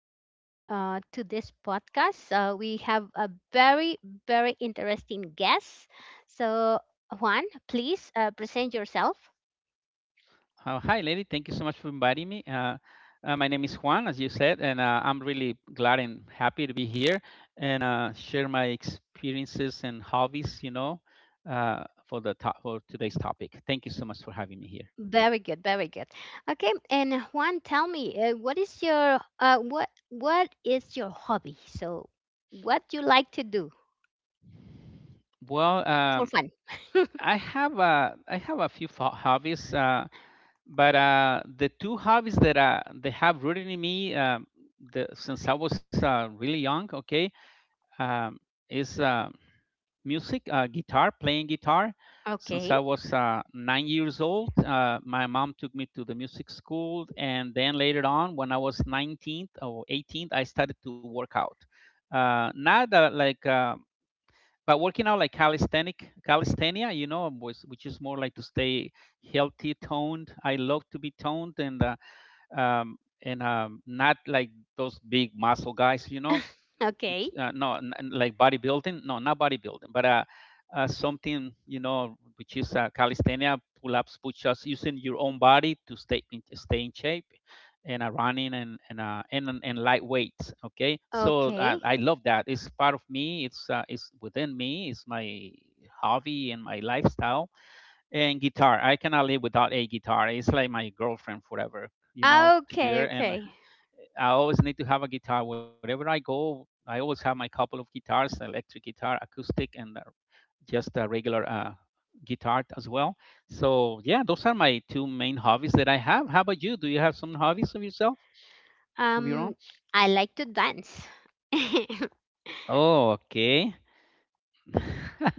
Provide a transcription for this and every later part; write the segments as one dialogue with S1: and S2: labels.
S1: more time to this podcast. We have a very, interesting guest. So, Juan, please present yourself.
S2: Hi, lady. Thank you so much for inviting me. My name is Juan, as you said, and I'm really glad and happy to be here and share my experiences and hobbies, you know, for today's topic. Thank you so much for having me here.
S1: Very good, very good. Okay, and Juan, tell me, what is your what is your hobby? So, what do you like to do
S2: Well,
S1: for
S2: um,
S1: fun?
S2: I have a few hobbies, but the two hobbies that they have rooted in me the, since I was really young, okay, um, is. Music, guitar, playing guitar. Since
S1: Okay.
S2: I was 9 years old, my mom took me to the music school, and then later on, when I was 19th or 18th, I started to work out. Not that like, But working out like calisthenic, calisthenia, you know, which is more like to stay healthy, toned. I love to be toned, and um, not like those big muscle guys, you know,
S1: Okay, okay,
S2: which no, like bodybuilding, no, not bodybuilding, but something you know, which is calisthenia, pull-ups, push-ups, using your own body to stay in shape, and running and light weights. Okay, so I love that. It's part of me. It's within me. It's my hobby and my lifestyle and guitar. I cannot live without a guitar. It's like my girlfriend forever, you know, to be
S1: okay,
S2: there. And
S1: okay.
S2: I always need to have a guitar wherever I go. I always have my couple of guitars: electric guitar, acoustic, and just a regular guitar as well. So yeah, those are my two main hobbies that I have. How about you? Do you have some hobbies of yourself, of your
S1: Um,
S2: own?
S1: I like to dance.
S2: Oh, okay.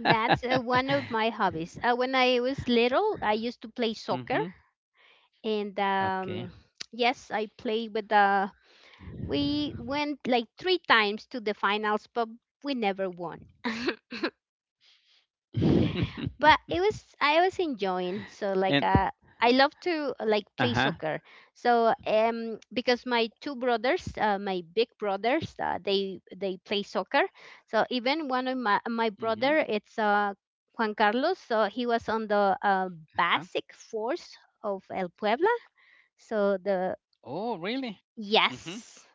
S1: That's one of my hobbies. When I was little, I used to play soccer,
S2: Mhm.
S1: and
S2: Okay.
S1: yes, I played with the. We went like three times to the finals, but we never won. But it was I was enjoying.
S2: and
S1: So like I love
S2: Uh
S1: to
S2: huh.
S1: like play soccer. So because my two brothers, my big brothers, they play soccer. So even one of my
S2: Mhm.
S1: brother, it's Juan Carlos. So he was on the basic force of El Puebla. So the
S2: Oh, really? Mhm.
S1: yes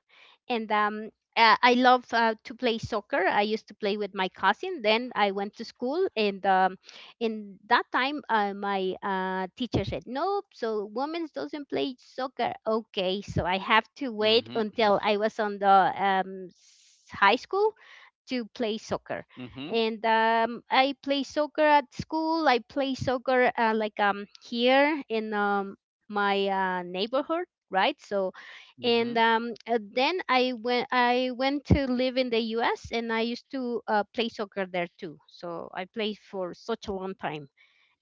S1: and I love to play soccer. I used to play with my cousin. Then I went to school, and in that time, my teacher said, "Nope, so women's doesn't play soccer." Okay, so I have to wait
S2: Mhm.
S1: until I was on the high school to play soccer.
S2: Mhm.
S1: And I play soccer at school. I play soccer like here in my neighborhood, right? So, and
S2: Mhm.
S1: then I went to live in the U.S. and I used to play soccer there too. So I played for such a long time.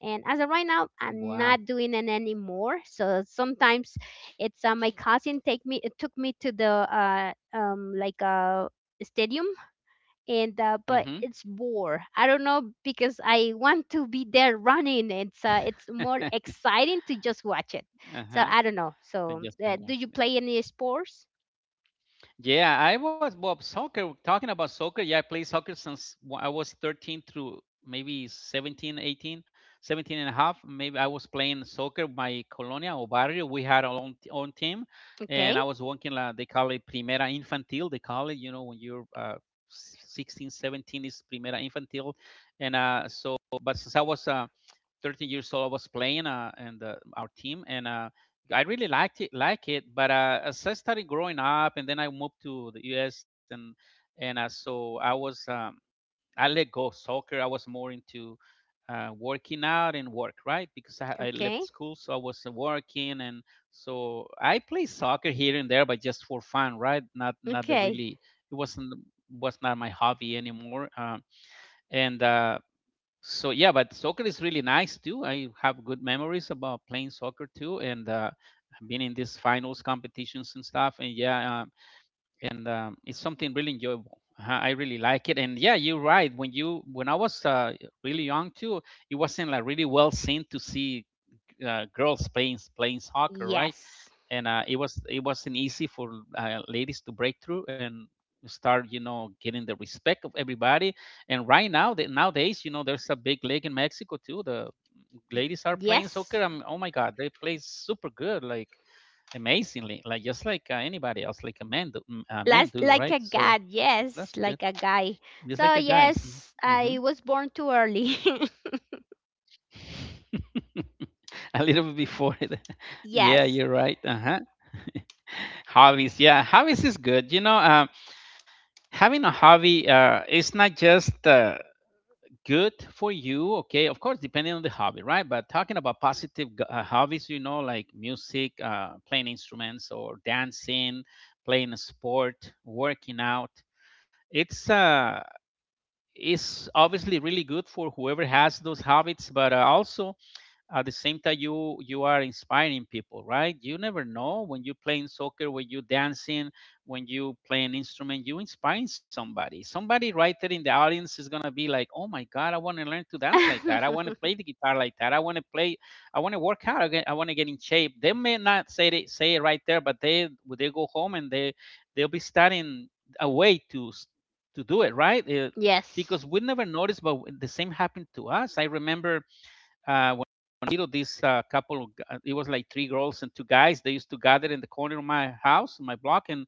S1: And as of right now, I'm
S2: Wow.
S1: not doing it anymore. So sometimes it's my cousin take me It took me to the like a stadium and but
S2: Mhm.
S1: it's bore. I don't know because I want to be there running. It's more exciting to just watch it. So
S2: Uh-huh.
S1: I don't know.
S2: They
S1: So
S2: just been
S1: do you
S2: watching
S1: play any sports?
S2: Yeah, I was well soccer. Talking about soccer, yeah, I played soccer since I was 13 through maybe 17, 18, 17 and a half. Maybe I was playing soccer my colonia or barrio. We had own team,
S1: Okay,
S2: and I was working la. They call it Primera Infantil. They call it, you know, when you're 16, 17 is Primera Infantil, and so. But since I was 13 years old, I was playing and our team and. I really like it, but as I started growing up, and then I moved to the U.S. and so I was I let go of soccer. I was more into working out and work, right? Because I left
S1: okay,
S2: school, so I was working, and so I play soccer here and there, but just for fun, right? Not the
S1: okay.
S2: really. It wasn't Was not my hobby anymore. And So yeah, but soccer is really nice too. I have good memories about playing soccer too, and being in these finals competitions and stuff. And yeah, and it's something really enjoyable. Uh-huh, I really like it. And yeah, you're right, when you when I was really young too, it wasn't like really well seen to see girls playing soccer, right?
S1: Yes,
S2: And it was it wasn't easy for ladies to break through and start, you know, getting the respect of everybody. And right now, that nowadays, you know, there's a big league in Mexico too. The ladies are playing soccer.
S1: yes.
S2: I'm, oh my god, they play super good, like amazingly, like just like anybody else like a man do, mm, men
S1: Last
S2: do,
S1: like
S2: right?
S1: a
S2: So
S1: god.
S2: that's
S1: Yes,
S2: good,
S1: like a guy.
S2: just like a
S1: So
S2: guys.
S1: yes,
S2: Mm-hmm. Mm-hmm.
S1: I was born too early.
S2: A little bit before the, yeah,
S1: Yes.
S2: you're right. Uh-huh. Hobbies, yeah, hobbies is good, you know. Having a hobby, it's not just good for you, okay, of course depending on the hobby, right? But talking about positive hobbies, you know, like music, playing instruments, or dancing, playing a sport, working out, it's uh it's obviously really good for whoever has those habits. But also at the same time, you are inspiring people, right? You never know, when you're playing soccer, when you're dancing, when you play an instrument, you inspire somebody right there in the audience is going to be like, oh my god, I want to learn to dance like that, I want to play the guitar like that, I want to play, I want to work out again, I want to get in shape. They may not say it right there, but they, when they go home, and they they'll be starting a way to to do it right.
S1: Yes,
S2: Because we never noticed, but the same happened to us. I remember when I was little, this couple, of, it was like three girls and two guys. They used to gather in the corner of my house, my block, and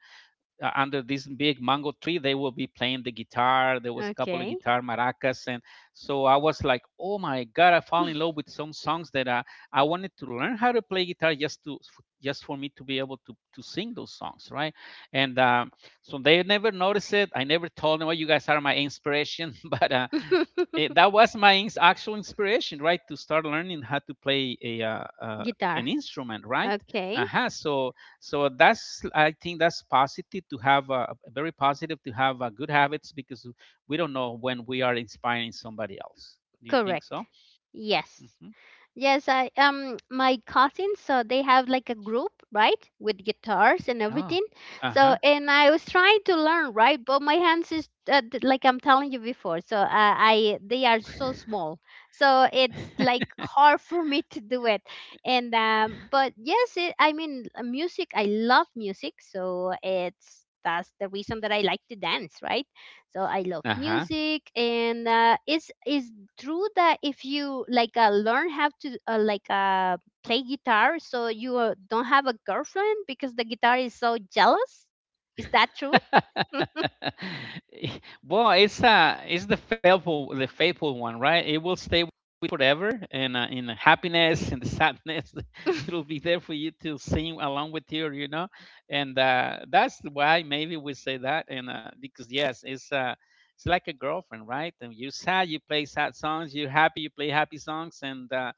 S2: under this big mango tree, they will be playing the guitar. There was a couple of
S1: okay.
S2: guitar maracas, and so I was like, oh my god, I fell in love with some songs that I wanted to learn how to play guitar, just to just for me to be able to sing those songs, right? And So they never noticed it. I never told them, well, you guys are my inspiration, but. That was my actual inspiration, right, to start learning how to play a
S1: Guitar.
S2: an instrument, right?
S1: Okay.
S2: Uh-huh. So that's, I think that's positive to have very positive to have good habits, because we don't know when we are inspiring somebody else. Do you think
S1: Correct.
S2: so?
S1: Yes.
S2: Mm-hmm.
S1: Yes, I my cousins, so they have like a group, right? With guitars and
S2: Oh,
S1: everything.
S2: uh
S1: So
S2: huh,
S1: and I was trying to learn, right? But my hands is like I'm telling you before. So I they are so small. So it's like hard for me to do it. And but yes, it, music, I love music. So it's that's the reason that I like to dance, right? So I love
S2: uh huh.
S1: music and it's is true that if you like learn how to play guitar so you don't have a girlfriend because the guitar is so jealous. Is that true?
S2: Well, it's the the faithful one, right? It will stay with you forever, and in the happiness and the sadness, it'll be there for you to sing along with you, you know. And that's why maybe we say that, and because yes, it's like a girlfriend, right? And you're sad, you play sad songs. You're happy, you play happy songs, and uh,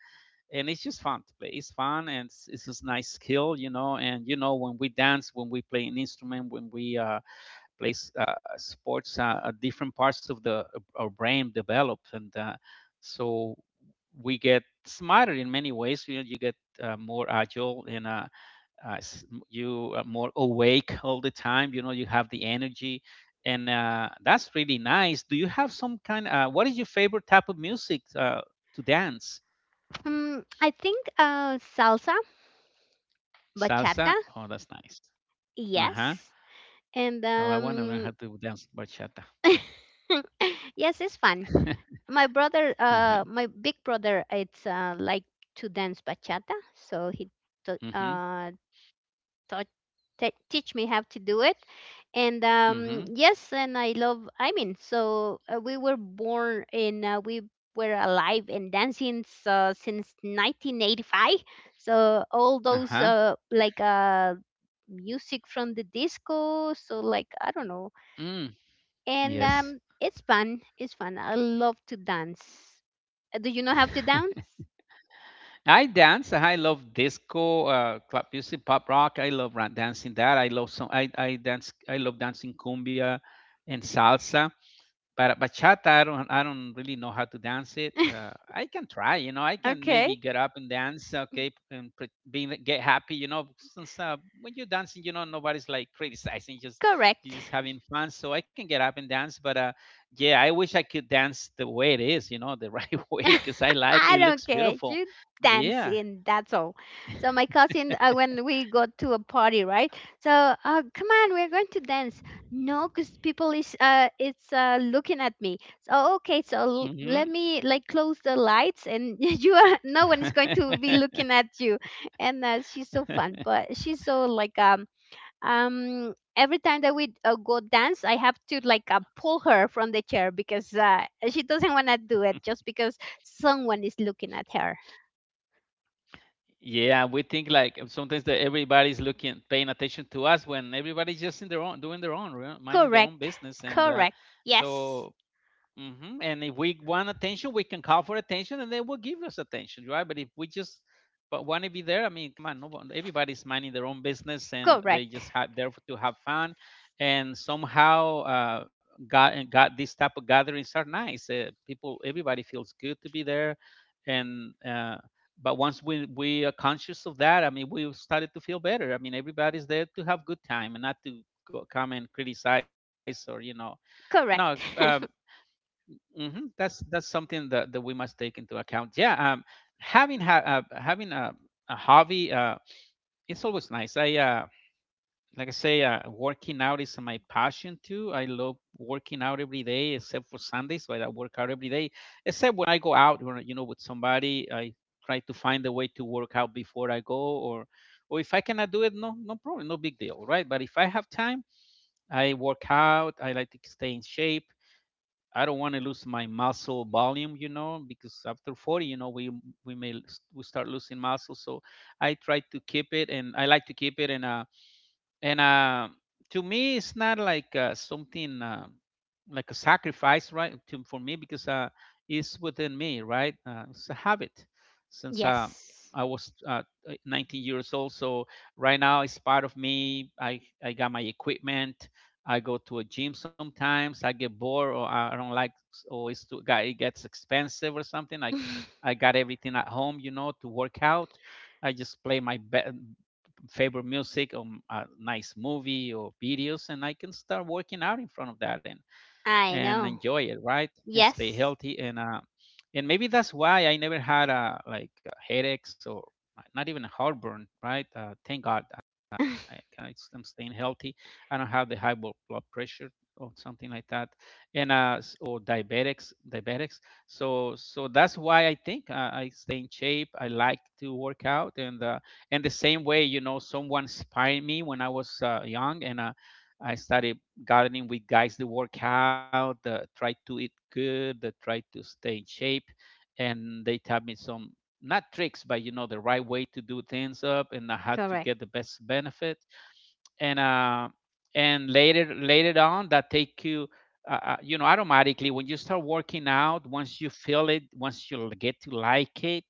S2: and it's just fun to play. It's fun, and it's just nice skill, you know. And you know, when we dance, when we play an instrument, when we plays sports, different parts of the our brain develop, and so we get smarter in many ways. You know, you get more agile and uh, you are more awake all the time. You know, you have the energy. And that's really nice. Do you have some kind? What is your favorite type of music to dance?
S1: I think salsa, bachata.
S2: Salsa. Oh, that's nice. Uh huh.
S1: Yes, and
S2: Oh, I want to learn how to dance bachata.
S1: yes, it's fun.
S2: uh
S1: My brother,
S2: huh.
S1: my big brother, it's like to dance bachata, so he t-
S2: Mhm.
S1: uh taught teach me how to do it. And
S2: Mhm.
S1: yes, and I love, I mean, so we were alive and dancing since 1985. So all those
S2: Uh
S1: music from the disco, so like I don't know.
S2: huh.
S1: And
S2: Yes.
S1: it's fun. It's fun. I love to dance. Do you know how to dance?
S2: I dance. I love disco, club music, pop rock. I love dancing that. I dance. I love dancing cumbia and salsa. But bachata, I don't really know how to dance it. I can try, you know. I can
S1: Okay.
S2: maybe get up and dance, okay, being get happy, you know. Since when you're dancing, you know, nobody's like criticizing, just
S1: Correct.
S2: you're just having fun. So I can get up and dance, but yeah, I wish I could dance the way it is, you know, the right way, because I like
S1: I
S2: it.
S1: don't
S2: Looks
S1: care.
S2: beautiful.
S1: You dance
S2: Yeah.
S1: in. That's all. So my cousin, when we go to a party, right? So come on, we're going to dance. No, because people is it's looking at me. So okay, so let
S2: Hmm.
S1: me like close the lights, and you are no one is going to be looking at you. And she's so fun, but she's so like every time that we go dance I have to like pull her from the chair because she doesn't want to do it just because someone is looking at her.
S2: Yeah, we think like sometimes that everybody's looking, paying attention to us, when everybody's just in their own, doing their own, right? Minding their own
S1: Correct,
S2: business, and
S1: correct. Yes,
S2: so hmm. And if we want attention, we can call for attention, and they will give us attention, right? But if we just but want to be there, I mean, come on, no one, everybody's minding their own business, and they
S1: correct,
S2: just have there to have fun, and somehow got these type of gatherings are nice. People, everybody feels good to be there, and but once we are conscious of that, I mean, we started to feel better. I mean, everybody's there to have good time and not to go, come and criticize, or you know, no
S1: correct.
S2: hmm. That's something that, that we must take into account. Yeah, having having a hobby, it's always nice. I like I say, working out is my passion too. I love working out every day, except for Sundays, where I work out every day. Except when I go out, or with somebody, I try to find a way to work out before I go, or if I cannot do it, no problem, no big deal, right? But if I have time, I work out. I like to stay in shape. I don't want to lose my muscle volume, you know, because after 40, you know, we may we start losing muscle. So I try to keep it, and I like to keep it, and to me it's not like something like a sacrifice, right, for me, because it's within me, right. It's a habit since
S1: Yes.
S2: I was 19 years old. So right now it's part of me. I got my equipment. I go to a gym sometimes. I get bored, or I don't like, or it's too, it gets expensive or something. I got everything at home, you know, to work out. I just play my favorite music or a nice movie or videos, and I can start working out in front of that,
S1: I
S2: and
S1: know.
S2: enjoy it, right? And stay
S1: Yes.
S2: healthy. And maybe that's why I never had a headaches or not even a heartburn, right? Thank God, I'm staying healthy. I don't have the high blood pressure or something like that, or diabetics, diabetics. So that's why I think, I stay in shape. I like to work out, and the same way, you know, someone inspired me when I was young, and I started gardening with guys that work out, that try to eat good, that try to stay in shape, and they taught me some, not tricks, but you know, the right way to do things up and how to
S1: Correct.
S2: get the best benefit. and uh, and later later on, that take you you know, automatically, when you start working out, once you feel it, once you get to like it,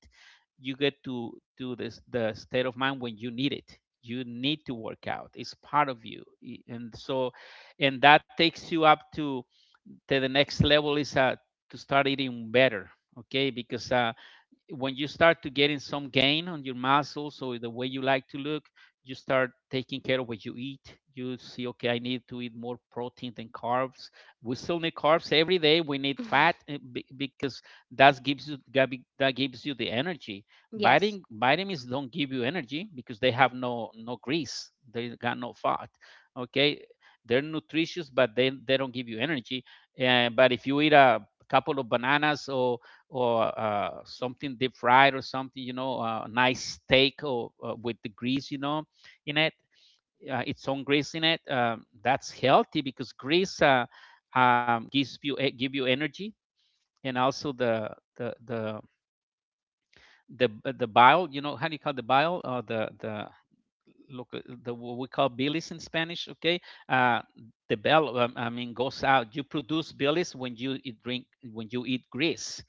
S2: you get to this the state of mind when you need it, you need to work out, it's part of you, and so and that takes you up to the next level, is to start eating better. Okay, because when you start to getting some gain on your muscles or the way you like to look, you start taking care of what you eat. You see, okay, I need to eat more protein than carbs. We still need carbs every day. We need fat, because that gives you the energy.
S1: Yes.
S2: Vitamins don't give you energy because they have no grease. They got no fat. Okay, they're nutritious, but they don't give you energy. But if you eat a couple of bananas or something deep fried or something, you know, a nice steak, or with the grease, you know, in it, its own grease in it. That's healthy because grease, gives you, give you energy, and also the the the the bile. You know, how do you call the bile or the what we call bilis in Spanish. Okay, uh, the bile, I mean, goes out. You produce bilis when you drink, when you eat grease,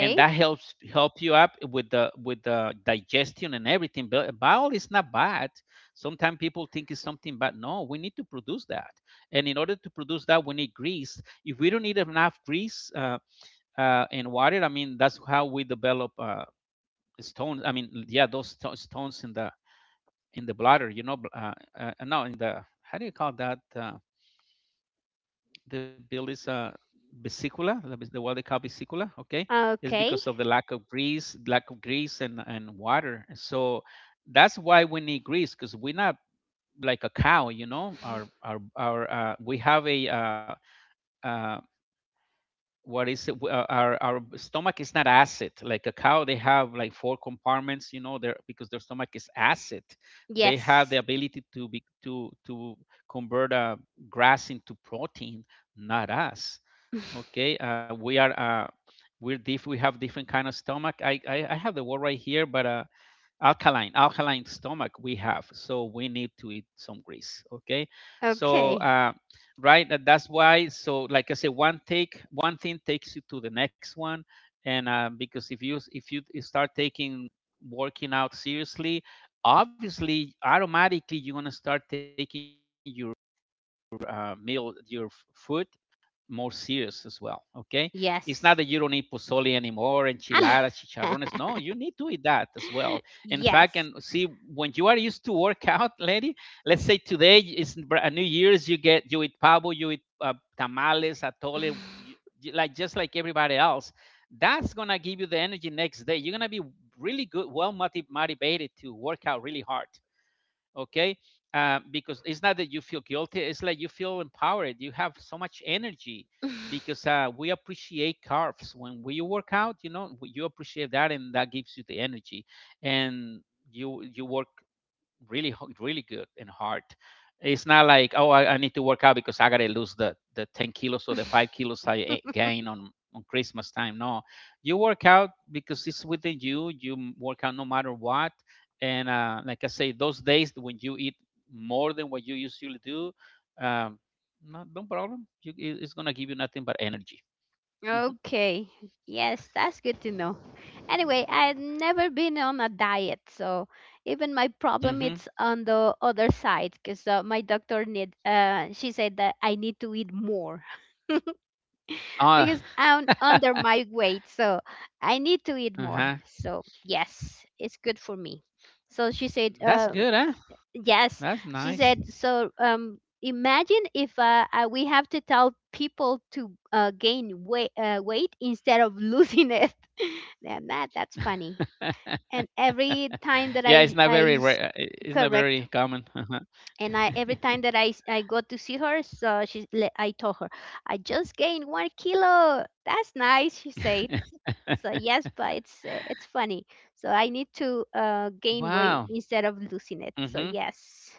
S2: and that helps help you up with the digestion and everything. But bowel is not bad, sometimes people think it's something bad. No, we need to produce that, and in order to produce that, we need grease. If we don't need enough grease, and water, I mean, that's how we develop stones. I mean, yeah, those stones in the bladder, you know, no, in the how do you call that, the bill is, vesicula, that is the what they call vesicula. Okay, is
S1: okay.
S2: because of the lack of grease and water. So that's why we need grease, because we're not like a cow, you know. Our we have a uh, what is it, our stomach is not acid like a cow. They have like four compartments, you know, there, because their stomach is acid. They have the
S1: Yes.
S2: ability to be to convert, grass into protein, not us. Okay, we are, we have different kind of stomach. I have the word right here, but alkaline, alkaline stomach we have, so we need to eat some grease. Okay, so
S1: Okay,
S2: uh, right, that's why. So like I said, one thing takes you to the next one. And Because if you start taking working out seriously, obviously, automatically, you're going to start taking your meal, your food more serious as well. Okay, it's not that you don't eat
S1: yes.
S2: pozole anymore, enchiladas, chicharrones. No, you need to eat that as well. In fact, and see,
S1: Yes.
S2: when you are used to work out, lady. Let's say today is New Year's. You eat pavo, you eat tamales, atole, you, like just like everybody else. That's gonna give you the energy next day. You're gonna be really good, well motivated to work out really hard. Okay, because it's not that you feel guilty, it's like you feel empowered, you have so much energy, because we appreciate carbs when we work out, you know, you appreciate that, and that gives you the energy, and you work really, really good and hard. It's not like, oh, I need to work out because I gotta lose the 10 kilos or the five kilos I gain on Christmas time. No, you work out because it's within you. You work out no matter what. And Like I say, those days when you eat more than what you usually do, um, no, no problem. It's gonna give you nothing but energy. Mm-hmm.
S1: Okay. Yes, that's good to know. Anyway, I've never been on a diet, so even my problem
S2: Mm-hmm.
S1: it's on the other side because my doctor need she said that I need to eat more.
S2: Uh,
S1: Because I'm under my weight, so I need to eat more.
S2: uh-huh.
S1: So yes, it's good for me. So she said,
S2: That's good, huh?
S1: yes,
S2: That's
S1: she
S2: nice.
S1: said. So imagine if we have to tell people to gain weight, weight instead of losing it. Then that's funny. And every time that
S2: Yeah, it's not very rare. It's not
S1: correct,
S2: very common. Uh-huh.
S1: and I every time that I go to see her, so I told her I just gained 1 kilo. That's nice, she said. So yes, but it's funny. So I need to gain weight
S2: Wow.
S1: instead of losing it. So
S2: Hmm.
S1: yes,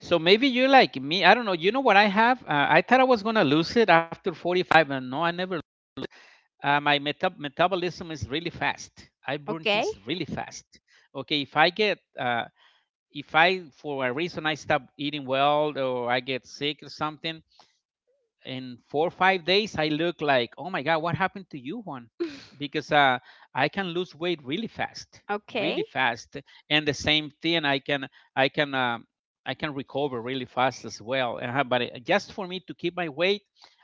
S2: So maybe you like me. I don't know. You know what I have? I thought I was gonna lose it after 45, and no, I never lose it. Uh, metabolism is really fast. I burn
S1: okay.
S2: things really fast. Okay, if I get, if I for a reason I stop eating well or I get sick or something, in 4 or 5 days I look like, oh my god, what happened to you, Juan? Because I can lose weight really fast,
S1: Okay.
S2: really fast. And the same thing, i can um, I can recover really fast as well. But just for me to keep my weight,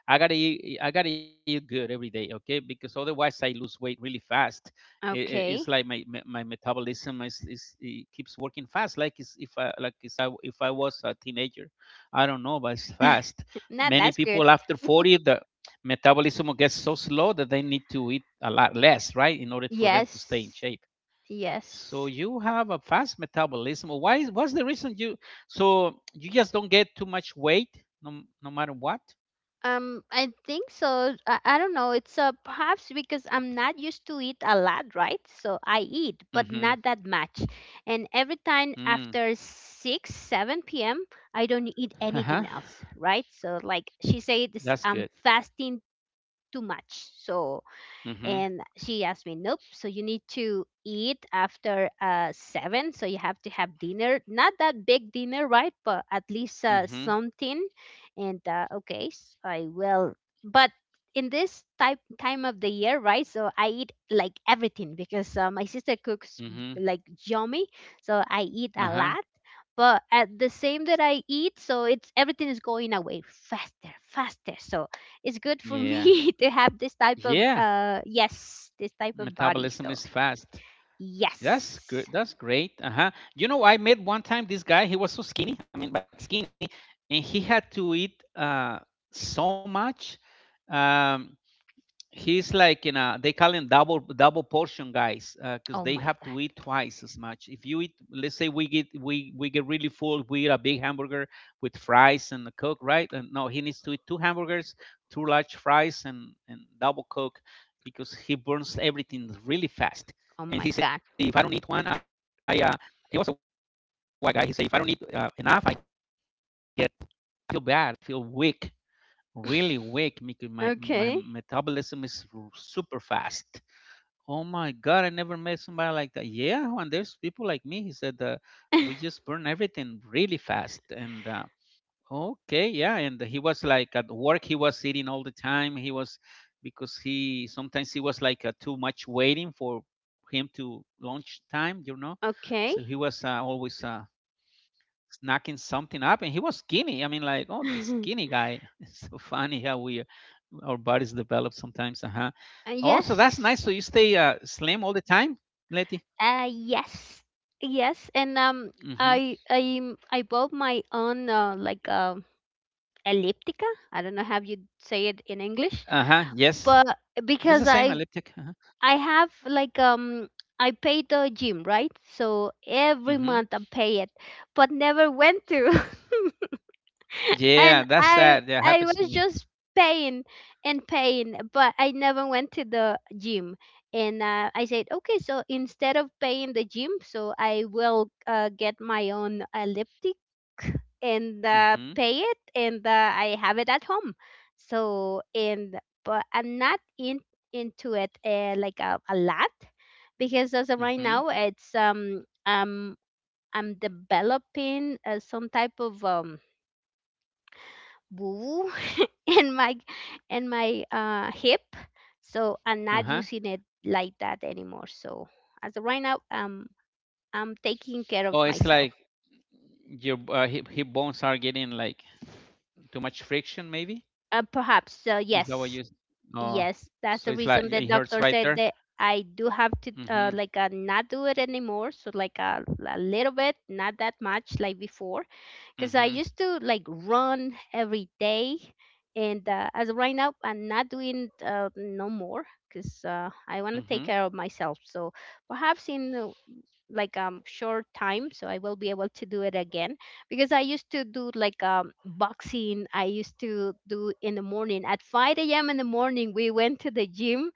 S2: I gotta eat good every day. Okay, because otherwise, I lose weight really fast. It's like
S1: Okay.
S2: my metabolism is, it keeps working fast, like it's, if I, like it's, if I was a teenager, I don't know, but it's fast.
S1: Nah,
S2: Many
S1: that's good.
S2: people after 40, the metabolism gets so slow that they need to eat a lot less, right, in order for them to stay in
S1: Yes.
S2: shape. So
S1: Yes.
S2: you have a fast metabolism, why is what's the reason you, so you just don't get too much weight, no, no matter what.
S1: I think so. I don't know. It's perhaps because I'm not used to eat a lot, right? So I eat, but
S2: Mm-hmm.
S1: not that much. And every time
S2: Mm.
S1: after 6, 7 p.m., I don't eat anything
S2: Uh-huh.
S1: else, right? So, like she said, this,
S2: That's
S1: I'm
S2: good.
S1: fasting too much. So
S2: Mm-hmm.
S1: and she asked me nope, so you need to eat after 7, so you have to have dinner, not that big dinner, right, but at least
S2: Mm-hmm.
S1: something. And okay, I will. But in this type time of the year, right, so I eat like everything because my sister cooks
S2: Mm-hmm.
S1: like yummy, so I eat a
S2: Uh-huh.
S1: lot. But at the same that I eat, so it's everything is going away faster. So it's good for
S2: Yeah.
S1: me to have this type of
S2: Yeah.
S1: yes, this type of body.
S2: Metabolism
S1: So
S2: is fast. That's good.
S1: yes.
S2: That's great. Uh huh. You know, I met one time this guy. He was so skinny. I mean, but skinny, and he had to eat, so much. Um, he's like in a, they call him double double portion guys because
S1: Oh
S2: they
S1: my
S2: have to eat
S1: god,
S2: twice as much. If you eat, let's say, we get really full, we eat a big hamburger with fries and a coke, right? And no, he needs to eat two hamburgers, two large fries, and double coke, because he burns everything really
S1: oh
S2: fast.
S1: my god.
S2: And he said, if I don't need one, I he was a white guy, he said, if I don't need enough, I get, I feel bad, I feel weak, really weak, because
S1: Okay.
S2: my metabolism is super fast. Oh my god, I never met somebody like that. Yeah, and there's people like me, he said, we just burn everything really fast. And Okay, yeah, and he was like at work. He was sitting all the time. He was, because he sometimes he was like, too much waiting for him to lunch time, you know.
S1: Okay.
S2: So he was, always snacking something up, and he was skinny. I mean, like, oh,
S1: uh,
S2: skinny guy. It's so funny how we our bodies develop sometimes. Uh huh. Oh, so that's nice. So
S1: yes.
S2: you stay slim all the time, Letty.
S1: Yes. Yes, and
S2: Mm-hmm.
S1: I I I bought my own elliptica. I don't know how you say it in english.
S2: Uh huh. Yes,
S1: But because
S2: it's the same elliptic. Uh huh.
S1: I have like I pay the gym, right? So every month I
S2: Mm-hmm.
S1: pay it, but never went to. And
S2: Yeah, that's
S1: I
S2: sad.
S1: I
S2: That
S1: was
S2: happens to
S1: just
S2: me.
S1: pain and pain, but I never went to the gym. And I said, okay, so instead of paying the gym, so I will get my own elliptic and
S2: Mhm.
S1: pay it, and I have it at home. So and but I'm not in into it like a lot because as of right
S2: Mhm.
S1: now, it's I'm developing some type of boo in my in my hip. So I'm not
S2: Uh-huh.
S1: using it like that anymore. So as of right now I'm taking care of
S2: Oh, it's
S1: myself.
S2: like your hip, hip bones are getting like too much friction. Maybe
S1: Perhaps
S2: is that what you?
S1: yes,
S2: Oh,
S1: yes, that's
S2: so
S1: the
S2: it's like
S1: reason the
S2: it hurts
S1: doctor
S2: right
S1: said
S2: there.
S1: that I do have to
S2: Mhm.
S1: not do it anymore. So like a little bit, not that much like before, because I
S2: Mhm.
S1: used to like run every day. And as of right now, I'm not doing no more because I want to take
S2: Mhm.
S1: care of myself. So perhaps in short time, so I will be able to do it again. Because I used to do like boxing. I used to do in the morning at 5 a.m. in the morning. We went to the gym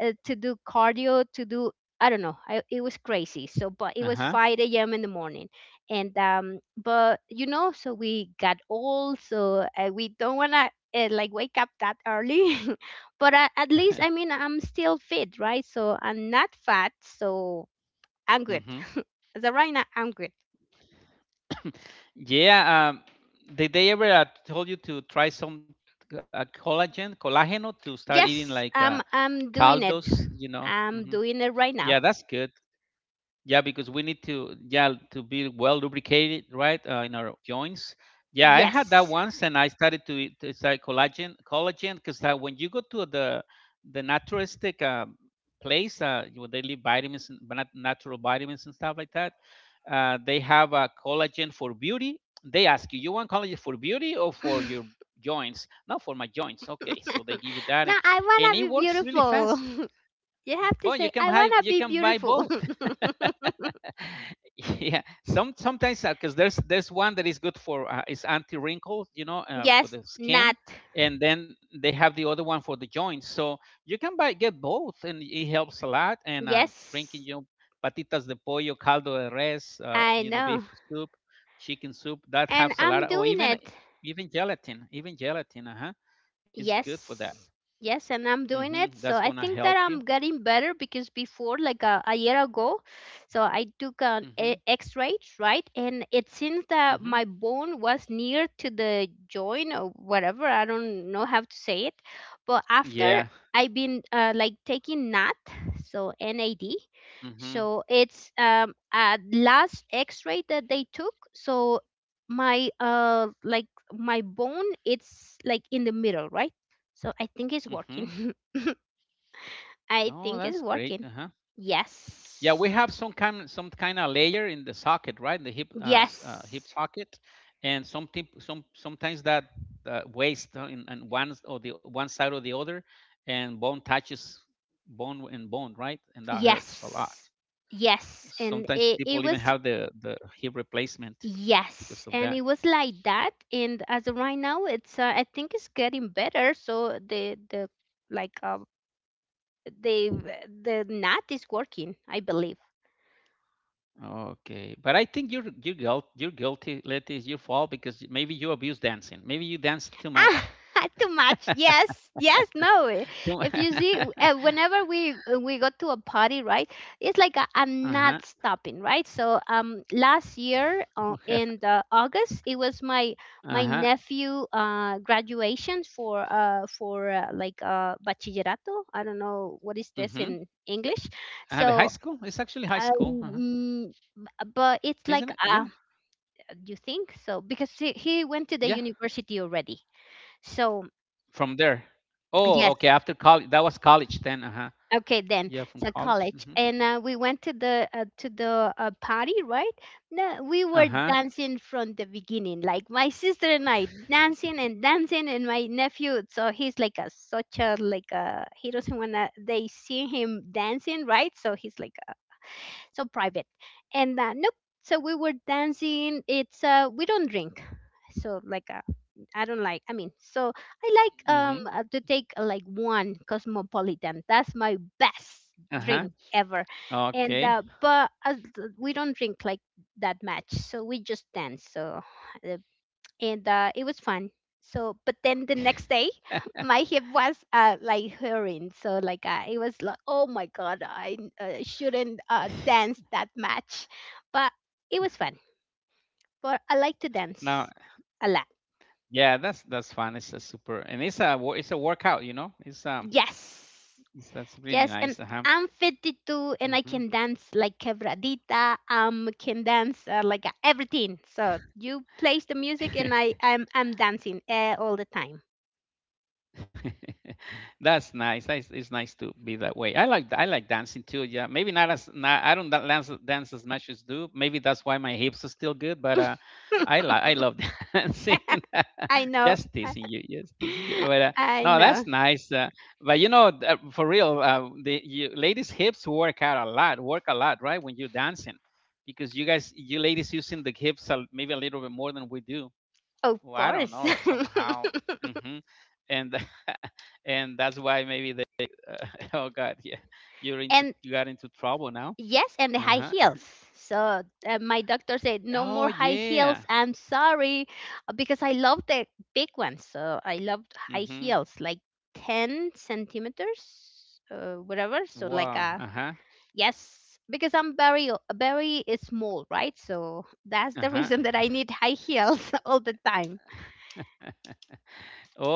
S1: to do cardio, to do I don't know. It was crazy. So, but it
S2: Uh
S1: was
S2: huh.
S1: 5 a.m. in the morning, and but you know, so we got old, so we don't wanna like wake up that early. But at least, I mean, I'm still fit, right? So I'm not fat, so I'm good.
S2: Mhm.
S1: As of right now, I'm good.
S2: Yeah. Did they ever told you to try some collagen, collageno, to start eating like
S1: Yes, I'm doing it.
S2: caldos? You know.
S1: I'm
S2: Mhm.
S1: doing it right now.
S2: Yeah, that's good. Yeah, because we need to, yeah, to be well lubricated, right, in our joints. Yeah, I had that
S1: Yes.
S2: once, and I started to eat, it's like collagen, collagen, because when you go to the naturalistic place, where they leave vitamins, and natural vitamins and stuff like that, they have collagen for beauty. They ask you, you want collagen for beauty or
S1: No,
S2: for your joints? Not for my joints. Okay, so they give you that,
S1: I
S2: and it
S1: wanna be
S2: works really
S1: beautiful.
S2: fast.
S1: You have to
S2: But
S1: say, I wanna
S2: you
S1: be
S2: can buy
S1: beautiful.
S2: both. Yeah, sometimes because there's one that is good for is anti wrinkle, you know, for
S1: Yes,
S2: the skin,
S1: not.
S2: and then they have the other one for the joints, so you can buy get both, and it helps a lot. And drinking,
S1: Yes,
S2: you know, patitas de pollo, caldo de res,
S1: I
S2: you know,
S1: know.
S2: beef soup, chicken soup, that
S1: And
S2: helps a
S1: I'm
S2: lot. Or
S1: doing
S2: even
S1: it.
S2: gelatin, even gelatin, uh-huh, is good for that.
S1: Yes. Yes, and I'm doing
S2: Hmm,
S1: it.
S2: that's
S1: So I
S2: gonna
S1: think
S2: help
S1: that
S2: you.
S1: I'm getting better because before, like a year ago, so I took an
S2: Hmm.
S1: a- X-ray, right? And it seems that
S2: Hmm.
S1: my bone was near to the joint or whatever. I don't know how to say it. But after
S2: Yeah.
S1: I've been like taking NAT, so NAD.
S2: Hmm.
S1: So it's a last X-ray that they took. So my my bone it's like in the middle, right? So I think it's working.
S2: Hmm.
S1: I
S2: Oh,
S1: think it's
S2: that's great.
S1: working.
S2: Uh-huh. Yeah, we
S1: Yes,
S2: have some kind of layer in the socket, right? The hip, hip
S1: yes,
S2: socket, and some tip, some sometimes that waist, in one or the one side or the other, and bone and bone, right? And that hurts a lot.
S1: yes. Yes, and
S2: Sometimes
S1: it
S2: people
S1: was
S2: even have the hip replacement because
S1: yes,
S2: of
S1: and it
S2: that.
S1: was like that. And as of right now it's I think it's getting better. So the like the the knot is working, I believe.
S2: Okay, but I think you're guilty. You're guilty. Let is your fault because maybe you abuse dancing. Maybe you dance too
S1: Ah,
S2: much.
S1: too much. Yes, yes, no.
S2: Too.
S1: If you see, whenever we go to a party, right? It's like i I'm
S2: uh
S1: not stopping, right? Last year
S2: Okay.
S1: in the August, it was my my
S2: Uh-huh.
S1: nephew graduation for like bachillerato. I don't know what is this
S2: Mm-hmm.
S1: in English.
S2: The high
S1: So
S2: school? It's actually high
S1: um.
S2: school, uh-huh.
S1: mm, But it's like,
S2: Isn't it? Yeah.
S1: uh, you think so? Because he went to the
S2: Yeah.
S1: university already. So,
S2: From there. Oh,
S1: yes,
S2: okay. After college, that was college then. Uh-huh.
S1: okay, then
S2: Yeah, from
S1: so
S2: college.
S1: college,
S2: Mm-hmm.
S1: and we went to the party, right? No, we were
S2: Uh-huh.
S1: dancing from the beginning, like my sister and I dancing and dancing, and my nephew. So he's like a such a like a he doesn't wanna— they see him dancing, right? So he's like so private, and nope. So we were dancing. It's We don't drink, so like I don't like. I mean, so I like
S2: Mm-hmm.
S1: to take like one cosmopolitan. That's my best
S2: Uh-huh.
S1: drink ever.
S2: Okay.
S1: We don't drink like that much, so we just dance. So uh, and It was fun. So but then the next day, my hip was like hurting. So it was like, oh my god, I shouldn't dance that much, but it was fun. But I like to
S2: Now,
S1: dance a lot.
S2: yeah, that's fun. It's a super, and it's a workout. You know,
S1: Yes.
S2: it's, that's really
S1: Yes, and
S2: nice. Uh-huh.
S1: I'm 52 and I
S2: Mm-hmm.
S1: can dance like quebradita. Can dance everything. So you place the music and I'm dancing all the time.
S2: That's nice. It's nice to be that way. I like dancing too. Yeah, maybe not as not, I don't dance as much as do. Maybe that's why my hips are still good. But I love dancing.
S1: I know.
S2: Just
S1: I
S2: teasing you, just teasing you. But
S1: I
S2: no,
S1: know.
S2: that's nice. But you know, for real, the you, ladies' hips work out a lot. Work a lot, right? When you're dancing, because you guys, you ladies, using the hips a, maybe a little bit more than we do.
S1: Of
S2: Well, I don't
S1: course.
S2: know, somehow. Mhm. And and that's why maybe they oh God, yeah.
S1: and
S2: You got into trouble now.
S1: Yes, and the high
S2: Uh-huh.
S1: heels. So my doctor said, no more
S2: Oh
S1: high heels.
S2: yeah.
S1: I'm sorry, because I love the big ones. So I loved high
S2: Mhm.
S1: heels, like 10 centimeters, whatever.
S2: Wow. Uh-huh.
S1: Yes, because I'm very small, right? So that's the reason
S2: Uh-huh.
S1: that I need high heels all the time.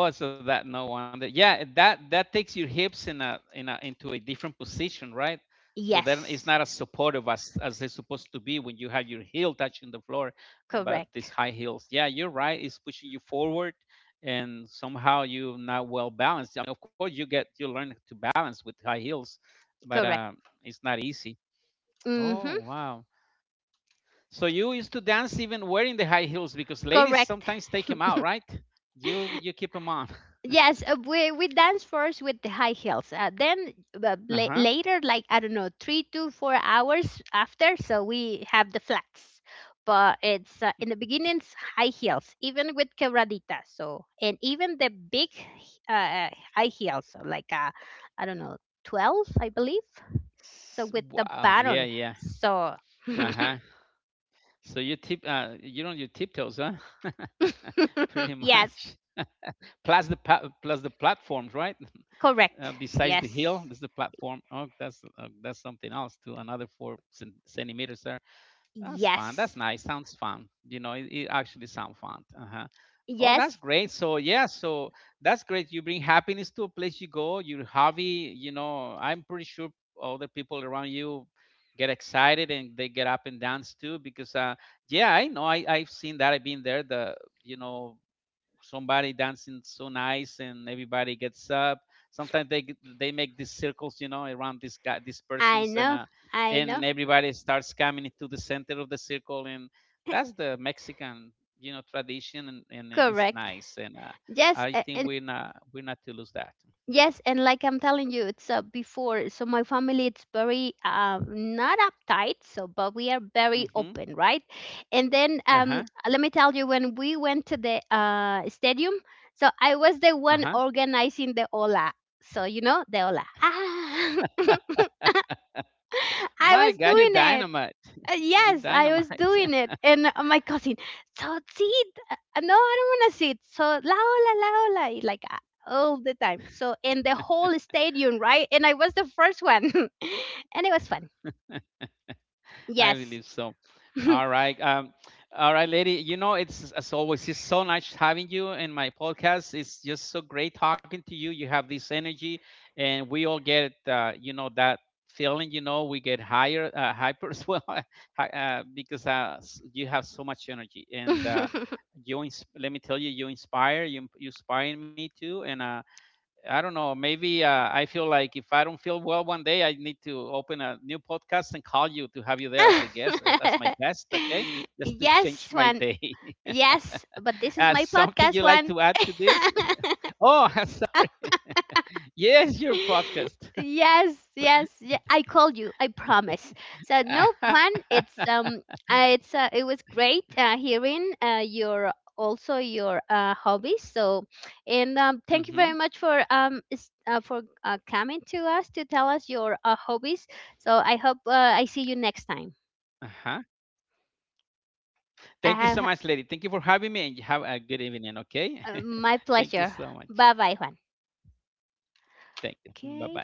S2: Oh, so that no wonder. Yeah, that that takes your hips in a into a different position, right? So then it's
S1: Yes,
S2: not as supportive as it's supposed to be when you have your heel touching the floor, but these
S1: correct,
S2: high heels. Yeah, you're right. It's pushing you forward, and somehow you're not well balanced. I mean, of course you get you learn to balance with high heels, but
S1: correct.
S2: it's not easy. Oh
S1: Mm-hmm,
S2: wow. So you used to dance even wearing the high heels because ladies
S1: correct.
S2: sometimes take them out, right? You keep them on.
S1: Yes, we dance first with the high heels.
S2: Uh huh.
S1: Later, like I don't know, 3 to 4 hours after, so we have the flats. But it's in the beginnings high heels, even with quebradita. So and even the big high heels, I don't know, twelve, I believe. So
S2: S
S1: with the
S2: wow, yeah,
S1: baron,
S2: yeah,
S1: so
S2: uh-huh. So you tip you're on your tiptoes, huh? Pretty
S1: yes,
S2: much. Plus the pa plus the platforms, right?
S1: correct.
S2: Besides the hill,
S1: Yes,
S2: there's the platform. Oh, that's something else too. Another four centimeters there. That's fun.
S1: yes,
S2: That's nice. Sounds fun. You know, it actually sounds fun. Uh-huh. Oh, that's
S1: yes.
S2: great. So yeah, so that's great. You bring happiness to a place you go. Your hobby. You know, I'm pretty sure other people around you get excited and they get up and dance too. Because yeah, I know. I've seen that. I've been there. The, you know, somebody dancing so nice and everybody gets up, sometimes they make these circles, you know, around this guy, these
S1: I
S2: persons,
S1: know, I
S2: and
S1: know.
S2: everybody starts coming into the center of the circle, and that's the Mexican, you know, tradition, and it's
S1: Correct.
S2: nice. And
S1: Yes,
S2: I
S1: a-
S2: think
S1: and
S2: we're not to lose that.
S1: yes, and like I'm telling you, it's before. So my family, it's very not uptight. So, but we are very
S2: Hmm.
S1: open, right? And then
S2: Uh-huh.
S1: let me tell you, when we went to the stadium, so I was the one
S2: Uh-huh.
S1: organizing the ola. So you know the ola. Ah, I
S2: My
S1: was
S2: God, you
S1: doing it.
S2: dynamite. You
S1: Yes, I was
S2: dynamite.
S1: doing it, and my cousin, so sit. No, I don't want to sit. So laola, laola, all the time. So in the whole stadium, right? And I was the first one, and it was fun.
S2: I
S1: Yes.
S2: believe so. All right. All right, lady. You know, it's as always, it's so nice having you in my podcast. It's just so great talking to you. You have this energy, and we all get, you know, that feeling. You know, we get higher, hyper as well, because you have so much energy, and you. Let me tell you, you inspire. You inspire me too, and I don't know. Maybe I feel like if I don't feel well one day, I need to open a new podcast and call you to have you there as a guest, as my guest. Okay, just to
S1: Yes,
S2: change
S1: one.
S2: my day.
S1: Yes, but this is my
S2: Uh,
S1: podcast
S2: something you
S1: one.
S2: like to add to this? Oh, I'm sorry. Yes, your podcast. I'm
S1: Yes,
S2: sorry.
S1: yes, yeah, I called you. I promise. So no Juan. It was great hearing your also your hobbies. So, and thank you
S2: Mm-hmm.
S1: very much for coming to us to tell us your hobbies. So I hope I see you next time.
S2: Uh-huh.
S1: I
S2: Thank you so
S1: have
S2: much, lady. Thank you for having me, and you have a good evening. Okay.
S1: my
S2: Thank you
S1: pleasure.
S2: so much.
S1: Bye bye, Juan.
S2: Thank you. Bye bye.
S1: Okay.